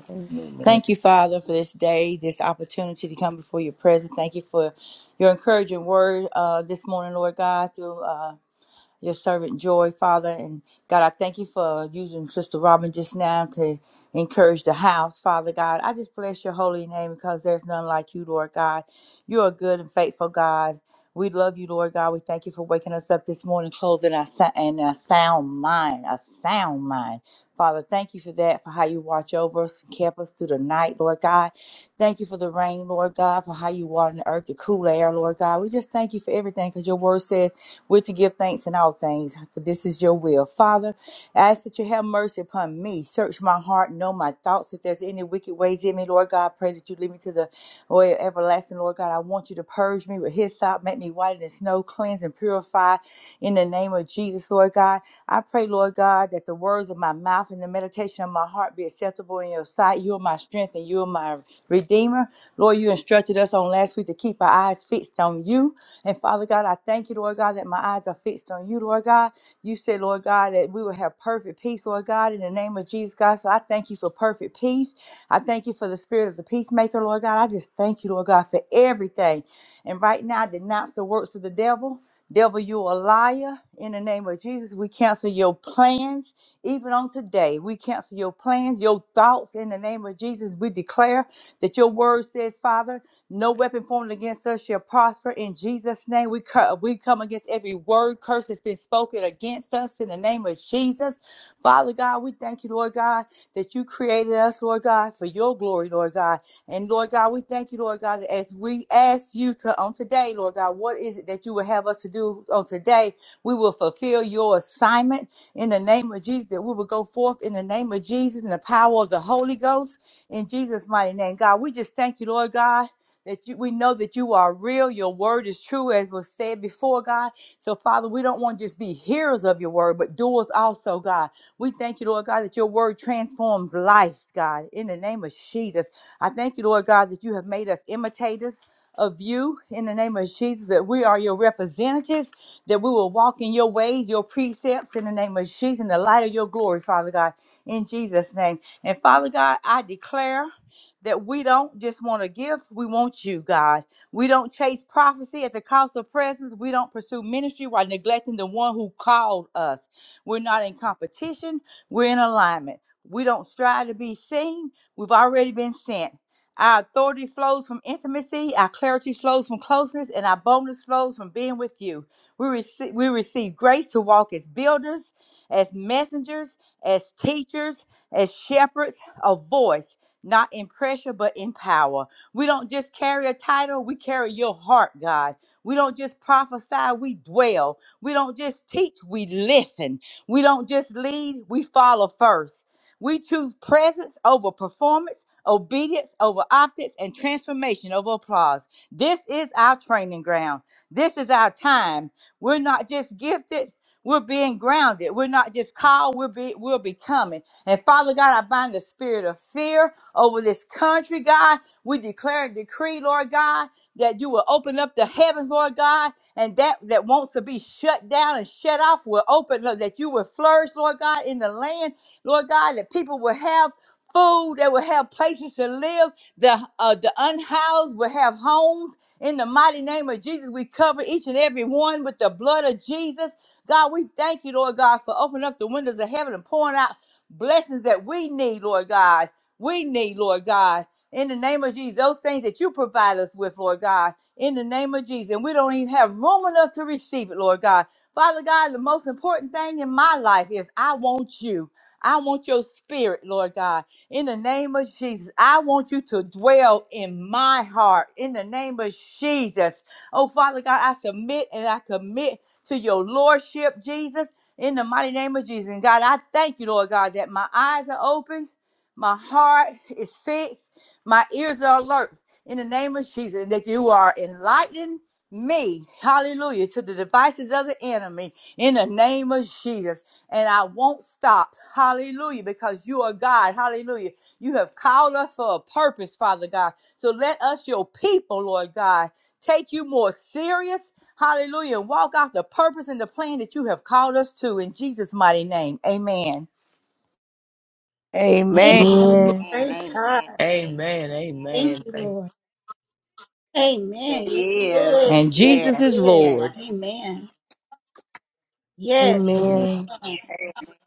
Speaker 7: Thank you, Father, for this day, this opportunity to come before your presence. Thank you for your encouraging word uh, this morning, Lord God, through. uh, your servant Joy, Father. And God, I thank you for using Sister Robin just now to encourage the house, Father God. I just bless your holy name because there's none like you, Lord God. You are good and faithful, God. We love you, Lord God. We thank you for waking us up this morning, clothing our sou- in a sound mind, a sound mind. Father, thank you for that, for how you watch over us and kept us through the night, Lord God. Thank you for the rain, Lord God, for how you water the earth, the cool air, Lord God. We just thank you for everything because your word said we're to give thanks in all things, for this is your will. Father, I ask that you have mercy upon me. Search my heart, know my thoughts. If there's any wicked ways in me, Lord God, I pray that you lead me to the way of everlasting, Lord God. I want you to purge me with hyssop, make me whiter than snow, cleanse and purify in the name of Jesus, Lord God. I pray, Lord God, that the words of my mouth and the meditation of my heart be acceptable in your sight. You are my strength and you are my redeemer. Lord, you instructed us on last week to keep our eyes fixed on you. And Father God, I thank you, Lord God, that my eyes are fixed on you, Lord God. You said, Lord God, that we will have perfect peace, Lord God, in the name of Jesus, God. So I thank you for perfect peace. I thank you for the spirit of the peacemaker, Lord God. I just thank you, Lord God, for everything. And right now, I denounce the works of the devil. Devil, you a liar. In the name of Jesus, we cancel your plans. Even on today, we cancel your plans, your thoughts. In the name of Jesus, we declare that your word says, Father. No weapon formed against us shall prosper. In Jesus' name, we, cur- we come against every word curse that's been spoken against us in the name of Jesus. Father God, we thank you, Lord God, that you created us, Lord God, for your glory, Lord God. And Lord God, we thank you, Lord God, that as we ask you to on today, Lord God, what is it that you would have us to do on today? We will fulfill your assignment in the name of Jesus, that we will go forth in the name of Jesus and the power of the Holy Ghost in Jesus' mighty name. God, we just thank you, Lord God that you, we know that you are real. Your word is true, as was said before, God. So, Father, we don't want to just be hearers of your word, but doers also, God. We thank you, Lord God, that your word transforms lives, God. In the name of Jesus, I thank you, Lord God, that you have made us imitators of you in the name of Jesus, that we are your representatives, that we will walk in your ways, your precepts in the name of Jesus, in the light of your glory, Father God, in Jesus' name. And Father God, I declare that we don't just want a gift, we want you, God. We don't chase prophecy at the cost of presence. We don't pursue ministry while neglecting the one who called us. We're not in competition, we're in alignment. We don't strive to be seen, we've already been sent. Our authority flows from intimacy, our clarity flows from closeness, and our boldness flows from being with you. We receive, we receive grace to walk as builders, as messengers, as teachers, as shepherds, a voice not in pressure, but in power. We don't just carry a title, we carry your heart, God. We don't just prophesy, we dwell. We don't just teach, we listen. We don't just lead, we follow first. We choose presence over performance, obedience over optics, and transformation over applause. This is our training ground. This is our time. We're not just gifted, we're being grounded. We're not just called, we're, be, we're becoming. And Father God, I bind the spirit of fear over this country, God. We declare and decree, Lord God, that you will open up the heavens, Lord God, and that that wants to be shut down and shut off will open, Lord, that you will flourish, Lord God, in the land, Lord God, that people will have food, they will have places to live, the uh, the unhoused will have homes. In the mighty name of Jesus, we cover each and every one with the blood of Jesus. God, we thank you, Lord God, for opening up the windows of heaven and pouring out blessings that we need, Lord God we need, Lord God. In the name of Jesus, those things that you provide us with, Lord God, in the name of Jesus. And we don't even have room enough to receive it, Lord God. Father God, the most important thing in my life is I want you. I want your spirit, Lord God. In the name of Jesus, I want you to dwell in my heart. In the name of Jesus. Oh, Father God, I submit and I commit to your lordship, Jesus, in the mighty name of Jesus. And God, I thank you, Lord God, that my eyes are open. My heart is fixed. My ears are alert in the name of Jesus, and that you are enlightening me, hallelujah, to the devices of the enemy in the name of Jesus. And I won't stop, hallelujah, because you are God, hallelujah. You have called us for a purpose, Father God. So let us, your people, Lord God, take you more serious, hallelujah, and walk out the purpose and the plan that you have called us to in Jesus' mighty name. Amen.
Speaker 6: Amen.
Speaker 2: Amen.
Speaker 5: Amen.
Speaker 1: Amen.
Speaker 4: And
Speaker 2: Praise
Speaker 4: amen.
Speaker 2: God.
Speaker 4: Amen.
Speaker 3: Amen.
Speaker 2: Thank
Speaker 3: Amen.
Speaker 2: you,
Speaker 3: Thank
Speaker 2: Lord. Amen.
Speaker 4: Amen.
Speaker 2: Yes, He
Speaker 4: Yes.
Speaker 2: is.
Speaker 7: And
Speaker 2: Yes,
Speaker 7: Jesus
Speaker 2: He
Speaker 7: is
Speaker 4: Yes.
Speaker 2: is.
Speaker 7: Lord.
Speaker 4: Yes.
Speaker 2: Amen. Yes.
Speaker 5: Amen.
Speaker 1: Amen.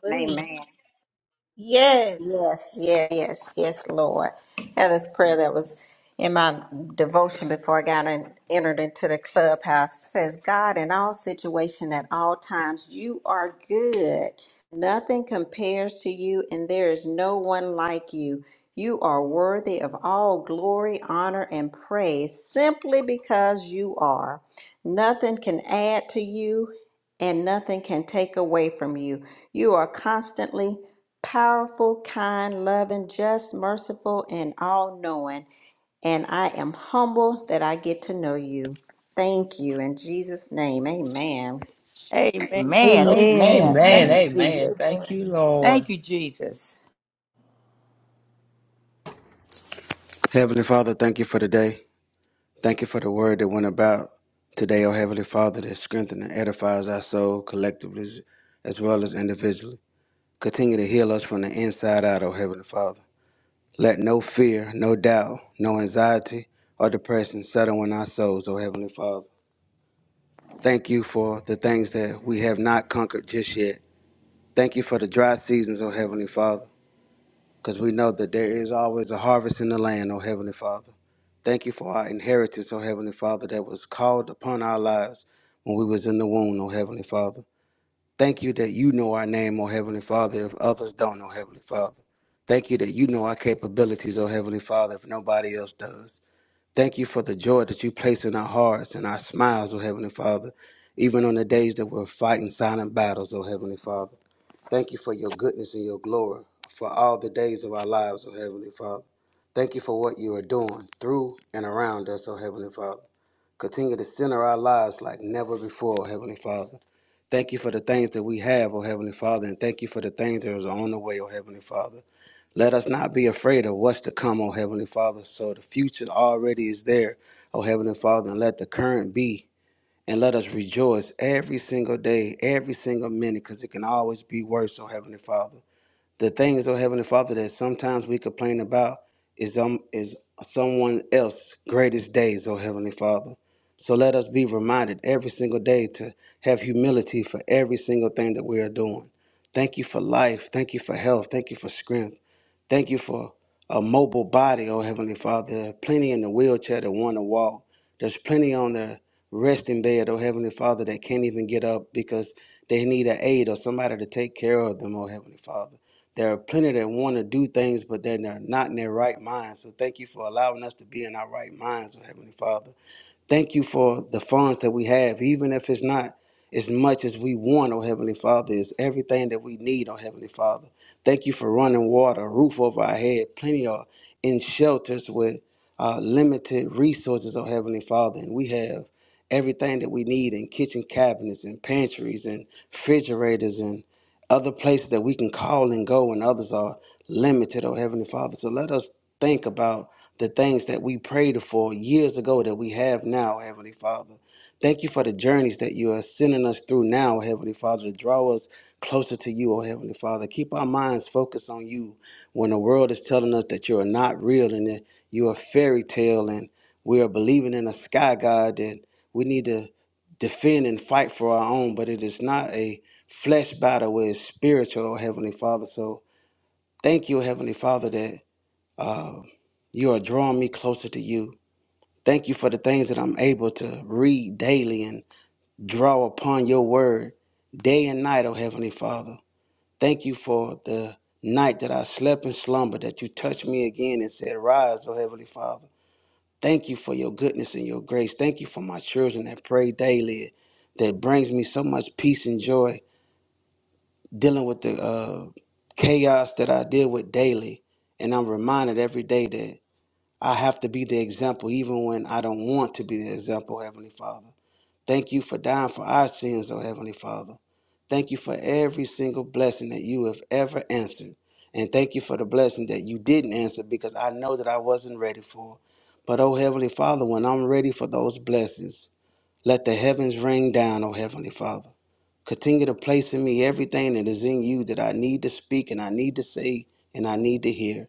Speaker 2: Hallelujah.
Speaker 4: Amen.
Speaker 2: Yes.
Speaker 4: Yes, yes, yes, yes, Lord. Had this prayer that was in my devotion before I got in, entered into the clubhouse. It says, God, in all situation at all times, you are good. Nothing compares to you, and there is no one like you. You are worthy of all glory, honor, and praise simply because you are. Nothing can add to you, and nothing can take away from you. You are constantly powerful, kind, loving, just, merciful, and all knowing. And I am humble that I get to know you. Thank you. In Jesus' name, amen.
Speaker 6: Amen.
Speaker 7: Man,
Speaker 6: So
Speaker 1: Amen.
Speaker 7: amen.
Speaker 6: thank
Speaker 3: Amen.
Speaker 7: Thank
Speaker 5: Amen.
Speaker 7: you,
Speaker 2: Thank
Speaker 3: Amen.
Speaker 2: you,
Speaker 7: Jesus.
Speaker 3: Thank
Speaker 2: Lord.
Speaker 3: you,
Speaker 7: Thank
Speaker 3: Lord.
Speaker 7: you, Jesus.
Speaker 8: Heavenly Father, thank you for today. Thank you for the word that went about today, oh Heavenly Father, that strengthens and edifies our soul collectively as well as individually. Continue to heal us from the inside out, oh Heavenly Father. Let no fear, no doubt, no anxiety or depression settle in our souls, oh Heavenly Father. Thank you for the things that we have not conquered just yet. Thank you for the dry seasons, oh Heavenly Father. because we know that there is always a harvest in the land, O Heavenly Father. Thank you for our inheritance, O Heavenly Father, that was called upon our lives when we was in the womb, O Heavenly Father. Thank you that you know our name, O Heavenly Father, if others don't, O Heavenly Father. Thank you that you know our capabilities, O Heavenly Father, if nobody else does. Thank you for the joy that you place in our hearts and our smiles, O Heavenly Father, even on the days that we're fighting silent battles, O Heavenly Father. Thank you for your goodness and your glory for all the days of our lives, O Heavenly Father. Thank you for what you are doing through and around us, O Heavenly Father. Continue to center our lives like never before, O Heavenly Father. Thank you for the things that we have, O Heavenly Father, and thank you for the things that are on the way, O Heavenly Father. Let us not be afraid of what's to come, O Heavenly Father. So the future already is there, O Heavenly Father, and let the current be and let us rejoice every single day, every single minute, because it can always be worse, oh Heavenly Father. The things, oh Heavenly Father, that sometimes we complain about is um is someone else's greatest days, oh Heavenly Father. So let us be reminded every single day to have humility for every single thing that we are doing. Thank you for life. Thank you for health. Thank you for strength. Thank you for a mobile body, oh Heavenly Father. There are plenty in the wheelchair that want to walk. There's plenty on the resting bed, oh Heavenly Father, that can't even get up because they need an aid or somebody to take care of them, oh Heavenly Father. There are plenty that want to do things, but then they're not in their right mind. So thank you for allowing us to be in our right minds, oh Heavenly Father. Thank you for the funds that we have, even if it's not as much as we want, oh Heavenly Father, is everything that we need, oh Heavenly Father. Thank you for running water, a roof over our head, plenty of in shelters with uh, limited resources, oh Heavenly Father. And we have everything that we need in kitchen cabinets and pantries and refrigerators and other places that we can call and go and others are limited, oh Heavenly Father. So let us think about the things that we prayed for years ago that we have now, Heavenly Father. Thank you for the journeys that you are sending us through now, Heavenly Father, to draw us closer to you, oh Heavenly Father. Keep our minds focused on you when the world is telling us that you are not real and that you are a fairy tale and we are believing in a sky god that we need to defend and fight for our own, but it is not a flesh battle, it is spiritual, oh Heavenly Father. So thank you, Heavenly Father, that uh, you are drawing me closer to you. Thank you for the things that I'm able to read daily and draw upon your word day and night, oh Heavenly Father. Thank you for the night that I slept in slumber, that you touched me again and said, Rise, oh Heavenly Father. Thank you for your goodness and your grace. Thank you for my children that pray daily, that brings me so much peace and joy dealing with the uh, chaos that I deal with daily. And I'm reminded every day that. I have to be the example even when I don't want to be the example, Heavenly Father. Thank you for dying for our sins, oh Heavenly Father. Thank you for every single blessing that you have ever answered. And thank you for the blessing that you didn't answer because I know that I wasn't ready for. But oh Heavenly Father, when I'm ready for those blessings, let the heavens rain down, oh Heavenly Father. Continue to place in me everything that is in you that I need to speak and I need to say and I need to hear.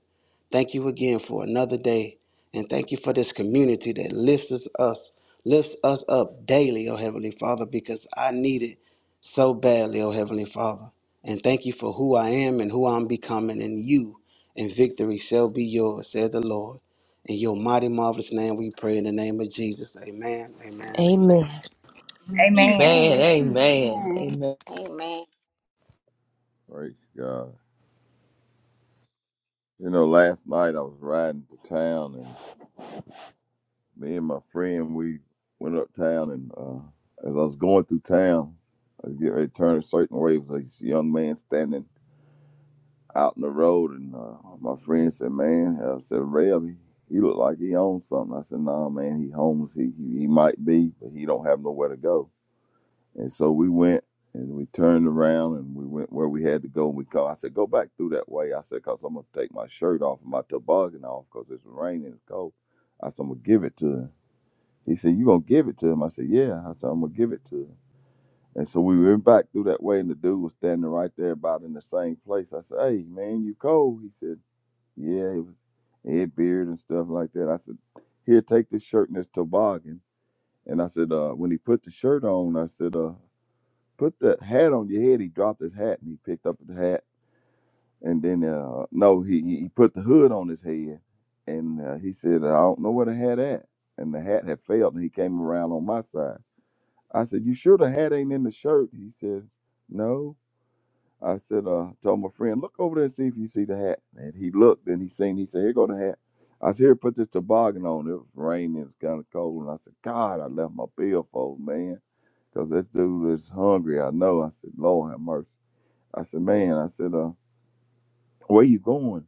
Speaker 8: Thank you again for another day. And thank you for this community that lifts us, us lifts us up daily, oh Heavenly Father, because I need it so badly, oh Heavenly Father. And thank you for who I am and who I'm becoming in you. And victory shall be yours, said the Lord. In your mighty, marvelous name we pray in the name of Jesus. Amen, amen, and amen.
Speaker 1: Amen.
Speaker 7: Amen.
Speaker 3: Man, amen. Amen.
Speaker 4: Amen.
Speaker 5: Praise God. You know, last night I was riding to town and. me and my friend we went uptown and uh, as I was going through town, I was getting ready to turn a certain way. It was a young man standing out in the road, and uh, my friend said, "Man," I said, "Rev, he, he look like he owns something." I said, "Nah, man, he homeless. He, he he might be, but he don't have nowhere to go." And so we went. And we turned around and we went where we had to go. And we called. I said, "Go back through that way." I said, "Cause I'm gonna take my shirt off and my toboggan off, cause it's raining, it's cold." I said, "I'm gonna give it to him." He said, You gonna give it to him? I said, Yeah. I said, I'm gonna give it to him. And so we went back through that way and the dude was standing right there about in the same place. I said, Hey man, you cold? He said, Yeah, it was he had beard and stuff like that. I said, Here, take this shirt and this toboggan. And I said, uh, when he put the shirt on, I said, uh, put that hat on your head. He dropped his hat and he picked up the hat. And then, uh, no, he, he he put the hood on his head. And uh, he said, I don't know where the hat at. And the hat had failed and he came around on my side. I said, You sure the hat ain't in the shirt? He said, No. I said, uh, told my friend, look over there and see if you see the hat. And he looked and he seen, he said, Here go the hat. I said, Here, put this toboggan on. It was raining, it was kind of cold. And I said, God, I left my billfold, man, 'cause this dude is hungry. I know. I said, Lord have mercy. I said, Man, I said, uh, Where you going?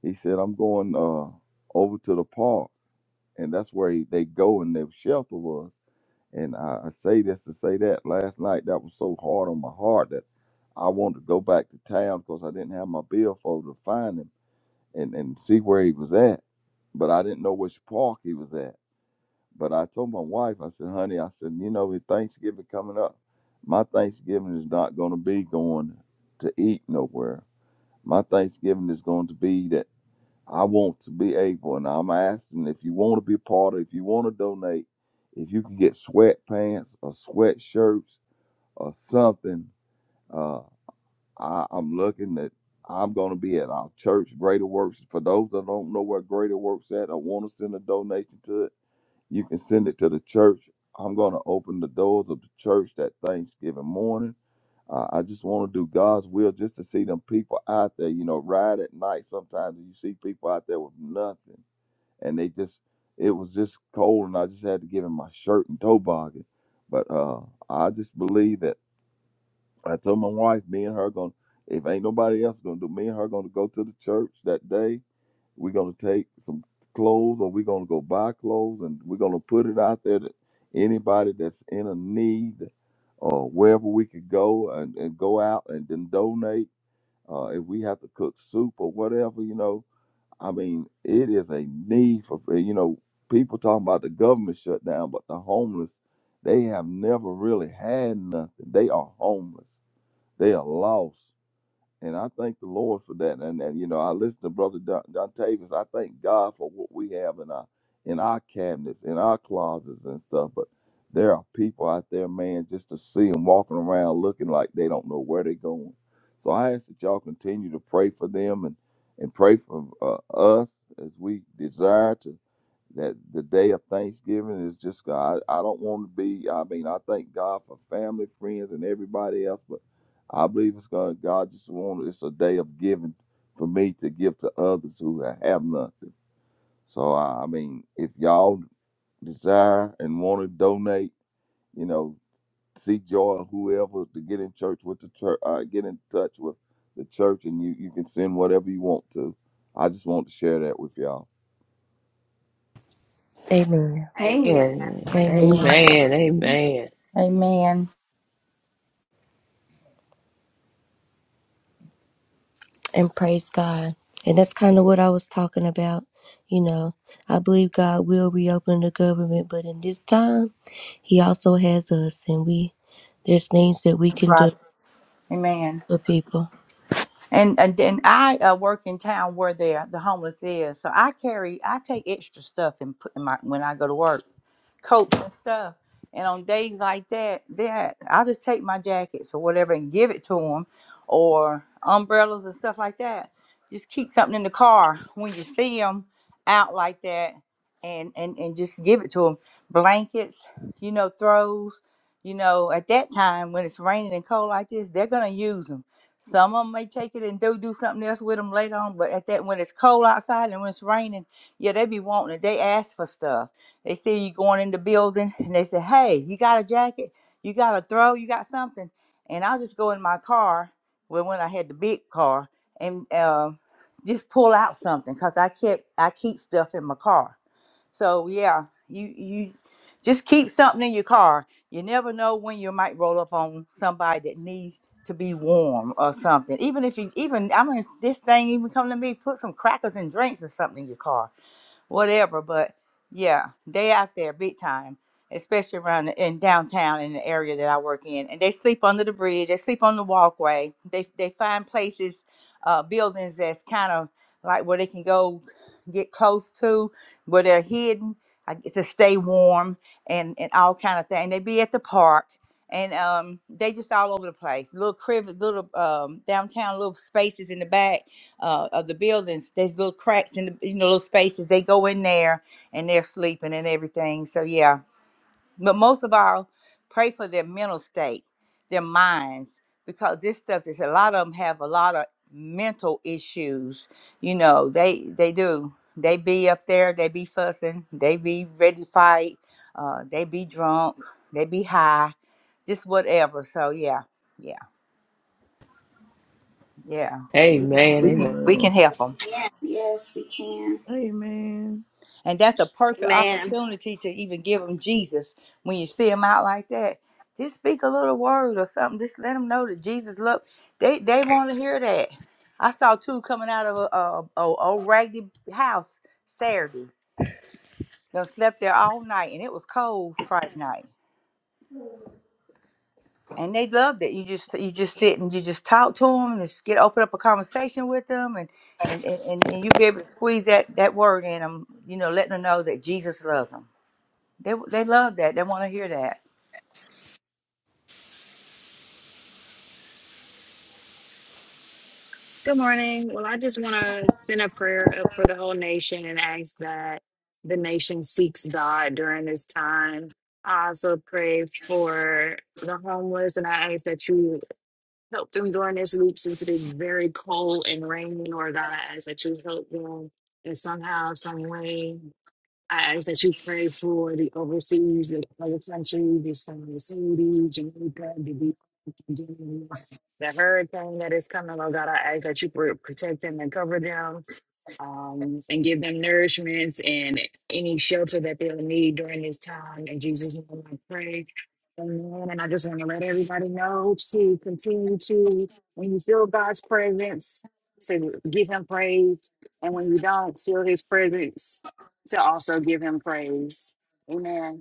Speaker 5: He said, I'm going uh, over to the park. And that's where he, they go and their shelter was. And I, I say this to say that last night that was so hard on my heart that I wanted to go back to town because I didn't have my billfold to find him and, and see where he was at. But I didn't know which park he was at. But I told my wife, I said, honey, I said, you know, with Thanksgiving coming up, my Thanksgiving is not going to be going to eat nowhere. My Thanksgiving is going to be that I want to be able, and I'm asking if you want to be a part of, if you want to donate, if you can get sweatpants or sweatshirts or something. Uh, I, I'm looking that I'm going to be at our church, Greater Works. For those that don't know where Greater Works at, I want to send a donation to it. You can send it to the church. I'm going to open the doors of the church that Thanksgiving morning. Uh, I just want to do God's will just to see them people out there, you know, ride at night. Sometimes you see people out there with nothing and they just it was just cold and I just had to give him my shirt and toboggan. But uh I just believe that I told my wife, me and her gonna if ain't nobody else gonna do me and her gonna go to the church that day. We're gonna take some clothes or we're gonna go buy clothes and we're gonna put it out there that anybody that's in a need or wherever we could go and, and go out and then donate. Uh, if we have to cook soup or whatever, you know, I mean, it is a need for uh, you know people talking about the government shutdown, but the homeless they have never really had nothing. They are homeless. They are lost. And I thank the Lord for that. And, and you know, I listen to Brother Don, Don I thank God for what we have in our in our cabinets, in our closets and stuff. But there are people out there, man, just to see them walking around looking like they don't know where they're going. So I ask that y'all continue to pray for them and and pray for uh, us as we desire to that the day of Thanksgiving is just God. I, I don't want to be. I mean, I thank God for family, friends, and everybody else, but I believe it's God. God just wanted it's a day of giving for me to give to others who have nothing. So I mean, if y'all desire and want to donate, you know, see Joy or whoever to get in church with the church, uh, get in touch with the church, and you you can send whatever you want to. I just want to share that with y'all.
Speaker 1: Amen.
Speaker 2: Amen.
Speaker 3: Amen.
Speaker 1: Amen.
Speaker 3: Amen.
Speaker 6: you.
Speaker 3: Amen.
Speaker 7: Amen.
Speaker 1: and praise God. And that's kind of what I was talking about. You know, I believe God will reopen the government, but in this time, He also has us, and we there's things that we
Speaker 7: That's
Speaker 1: can do
Speaker 7: right. Amen.
Speaker 1: for people.
Speaker 7: And and then I uh, work in town where the the homeless is, so I carry I take extra stuff and put in my when I go to work, coats and stuff. And on days like that, that I'll just take my jackets or whatever and give it to them, or umbrellas and stuff like that. Just keep something in the car when you see them out like that, and and and just give it to them. Blankets, you know, throws, you know, at that time when it's raining and cold like this, they're gonna use 'em some of them may take it and do do something else with them later on, but at that when it's cold outside and when it's raining, yeah, they be wanting it. They ask for stuff. They see you going in the building and they say, "Hey, you got a jacket? You got a throw? You got something?" And I'll just go in my car, well, when I had the big car, and uh, just pull out something because I kept I keep stuff in my car so yeah, you you just keep something in your car. You never know when you might roll up on somebody that needs to be warm or something. Even if you even I mean this thing even come to me, put some crackers and drinks or something in your car whatever. But yeah, they out there big time, especially around the- in downtown in the area that I work in. And they sleep under the bridge. They sleep on the walkway. They they find places, uh, buildings that's kind of like where they can go get close to where they're hidden I get to stay warm and and all kind of thing. They be at the park. And um, they just all over the place. Little crib, little um, downtown, little spaces in the back uh, of the buildings, there's little cracks in the you know little spaces. They go in there and they're sleeping and everything. So yeah, but most of all, pray for their mental state, their minds, because this stuff is a lot of them have a lot of mental issues. You know they they do. They be up there. They be fussing. They be ready to fight. Uh, they be drunk. They be high. Just whatever. So yeah, yeah, yeah.
Speaker 3: Amen.
Speaker 7: We can we can
Speaker 3: Amen.
Speaker 7: we can
Speaker 5: Amen.
Speaker 7: help them.
Speaker 2: Yes, we can.
Speaker 6: Amen.
Speaker 7: And that's a perfect opportunity to even give them Jesus when you see them out like that. Just speak a little word or something. Just let them know that Jesus look. They they want to hear that. I saw two coming out of a, a, a old raggedy house Saturday. They slept there all night, and it was cold Friday night. And they loved it. You just you just sit and you just talk to them and just get open up a conversation with them, and and and, and and you be able to squeeze that that word in them. You know, letting them know that Jesus loves them. They they love that. They want to hear that.
Speaker 9: Good morning. Well, I just want to send a prayer up for the whole nation and ask that the nation seeks God during this time. I also pray for the homeless and I ask that you help them during this week since it is very cold and rainy, Lord God. I ask that you help them in somehow, some way I ask that you pray for the overseas, the other countries, these from the Saudi, Jamaica, the Big- the hurricane that is coming. Oh God, I ask that you pr- protect them and cover them um, and give them nourishments and any shelter that they'll need during this time. In Jesus' name, I pray. Amen. And I just want to let everybody know to continue to, when you feel God's presence, to give Him praise. And when you don't feel His presence, to also give him praise. Amen.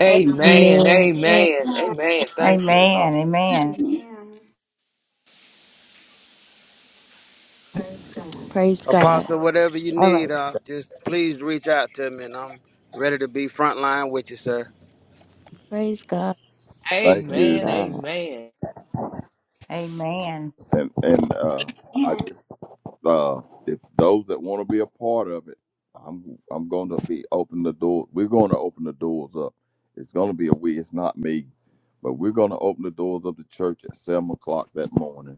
Speaker 3: Amen.
Speaker 1: Amen.
Speaker 3: Amen. Amen. Thank you, Lord.
Speaker 7: Amen. Amen.
Speaker 2: And,
Speaker 1: Praise God.
Speaker 8: Apostle, whatever you
Speaker 1: All
Speaker 8: need,
Speaker 1: right.
Speaker 8: uh,
Speaker 1: So
Speaker 8: just please reach out to me, and I'm ready to be frontline with you, sir.
Speaker 1: praise God.
Speaker 5: Thank
Speaker 1: Praise
Speaker 5: you,
Speaker 3: Amen.
Speaker 1: God.
Speaker 3: Amen.
Speaker 7: Amen.
Speaker 5: and and uh, I
Speaker 2: and,
Speaker 5: uh, if those that want to be a part of it, I'm I'm going to be open the door. We're going to open the doors up. It's going to be a we. It's not me, but we're going to open the doors of the church at seven o'clock that morning.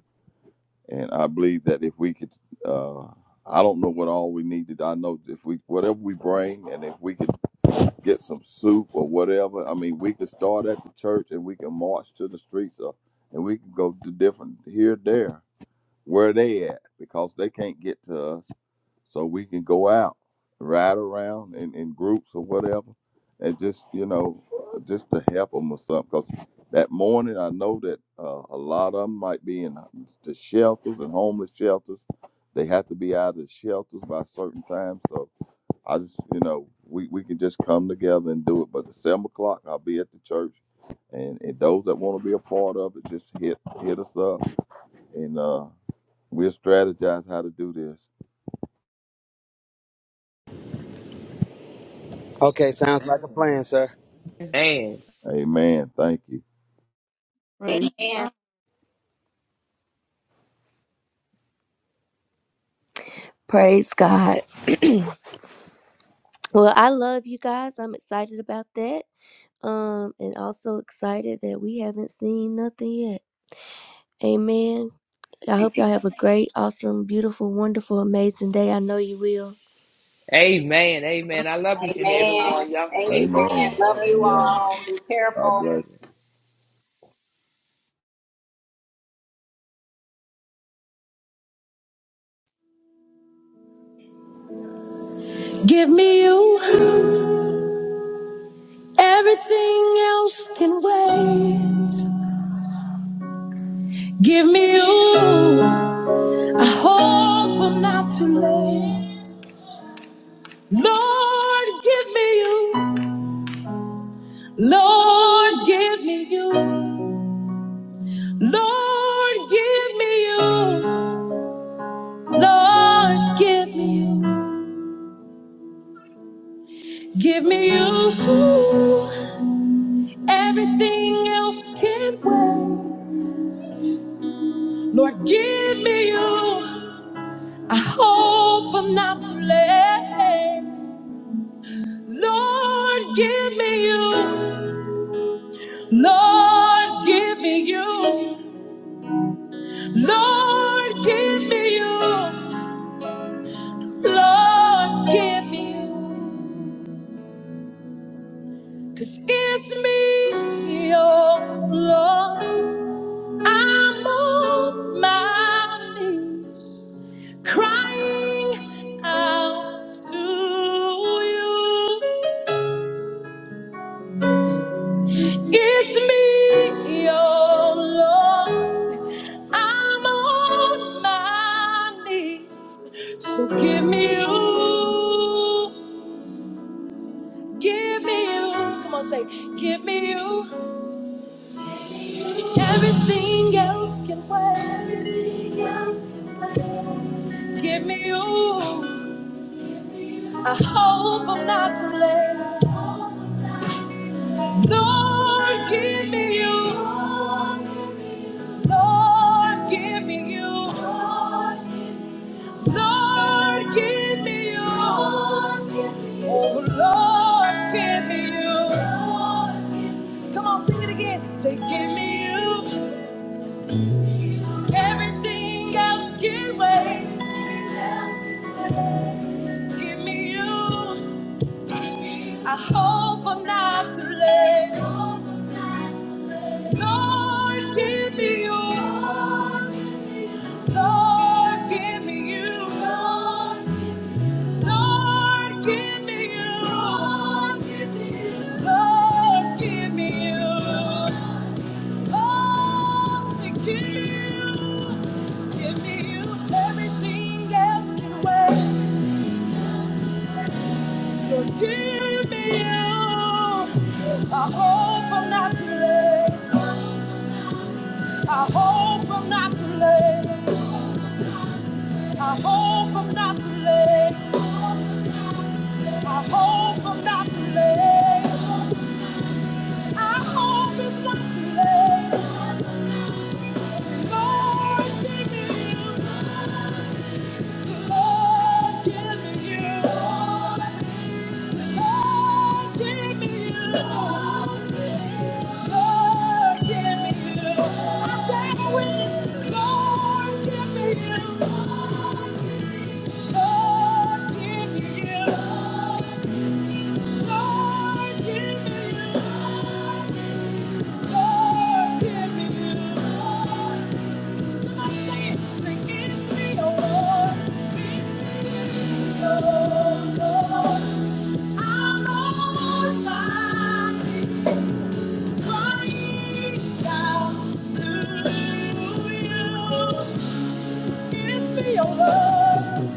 Speaker 5: And I believe that if we could, uh, I don't know what all we needed. I know if we whatever we bring, and if we could get some soup or whatever. I mean, we could start at the church and we can march to the streets, or, and we can go to different here, there, where they at because they can't get to us so we can go out, ride around in, in groups or whatever, and just you know, uh, just to help them or something. Because that morning, I know that uh, a lot of them might be in uh, the shelters and homeless shelters. They have to be out of the shelters by a certain time. So I just, you know, we, we can just come together and do it. But at seven o'clock, I'll be at the church, and, and those that want to be a part of it, just hit hit us up, and uh, we'll strategize how to do this.
Speaker 8: Okay, sounds like a plan, sir.
Speaker 3: Amen.
Speaker 5: Amen. Thank you.
Speaker 6: Amen.
Speaker 2: and,
Speaker 1: Praise God. Well, I love you guys. I'm excited about that. Um, and also excited that we haven't seen nothing yet. Amen. I hope y'all have a great, awesome, beautiful, wonderful, amazing day. I know you will.
Speaker 3: Amen. Amen. I love each and every
Speaker 2: oh,
Speaker 3: one. Y'all continue to press
Speaker 5: Amen.
Speaker 2: and
Speaker 3: on.
Speaker 2: love you
Speaker 5: Amen.
Speaker 3: Amen.
Speaker 2: all.
Speaker 5: God bless.
Speaker 1: Give me away. I hope I'm not too late. Lord, give me you. Lord, give me you. Lord, give me you. Lord, give me you. Give me you. Everything else can wait. Lord, give me you. I hope I'm not too late. Lord, give me you. Lord, give me you. Lord, give me you. Lord, give me you. 'Cause it's me, oh Lord. I'm on my knees, crying out to you. It's me, your Lord. I'm on my knees. So give me you. Give me you. Come on, say, give me you. Everything else can wait. Give me you. I hope I'm not too late. Lord, give me you. Lord, give me you. Lord, give me you. Oh, Lord, give me you. Come on, sing it again. Say, give me you. Everything else can wait. Give me you. I hope I'm not too late. Lord, give me you. Lord, give me you. Lord, give me you. Lord, give me you. Lord, give me you. Oh, say, give me you. Give me you. Everything else can wait. Lord, give me you. I hope I'm not too late. I hope I'm not too late. I hope I'm not too late. I hope I'm not too late. I hope it's not too late. Lord, give me you. Lord, give me you. Lord, give me you. Lord, give me you. I say Lord, give me you. Lord, give me you. Lord, give me you. Lord, give me you. your love.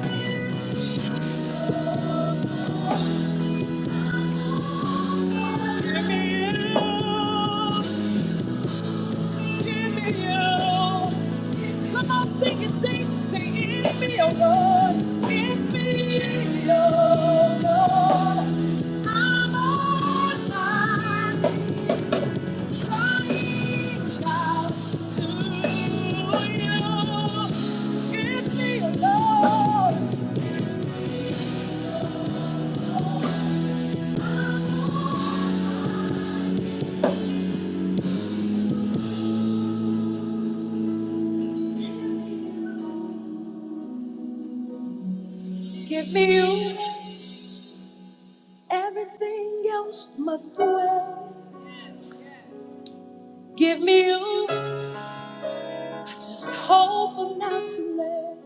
Speaker 1: Give me you. Give me you. Come on, sing it, sing, sing. It's me, oh Lord. It's me, oh Lord. I'm on my knees crying out to you. It's me, oh Lord. Give me you. Everything else must wait. Give me you. I just hope I'm not too late.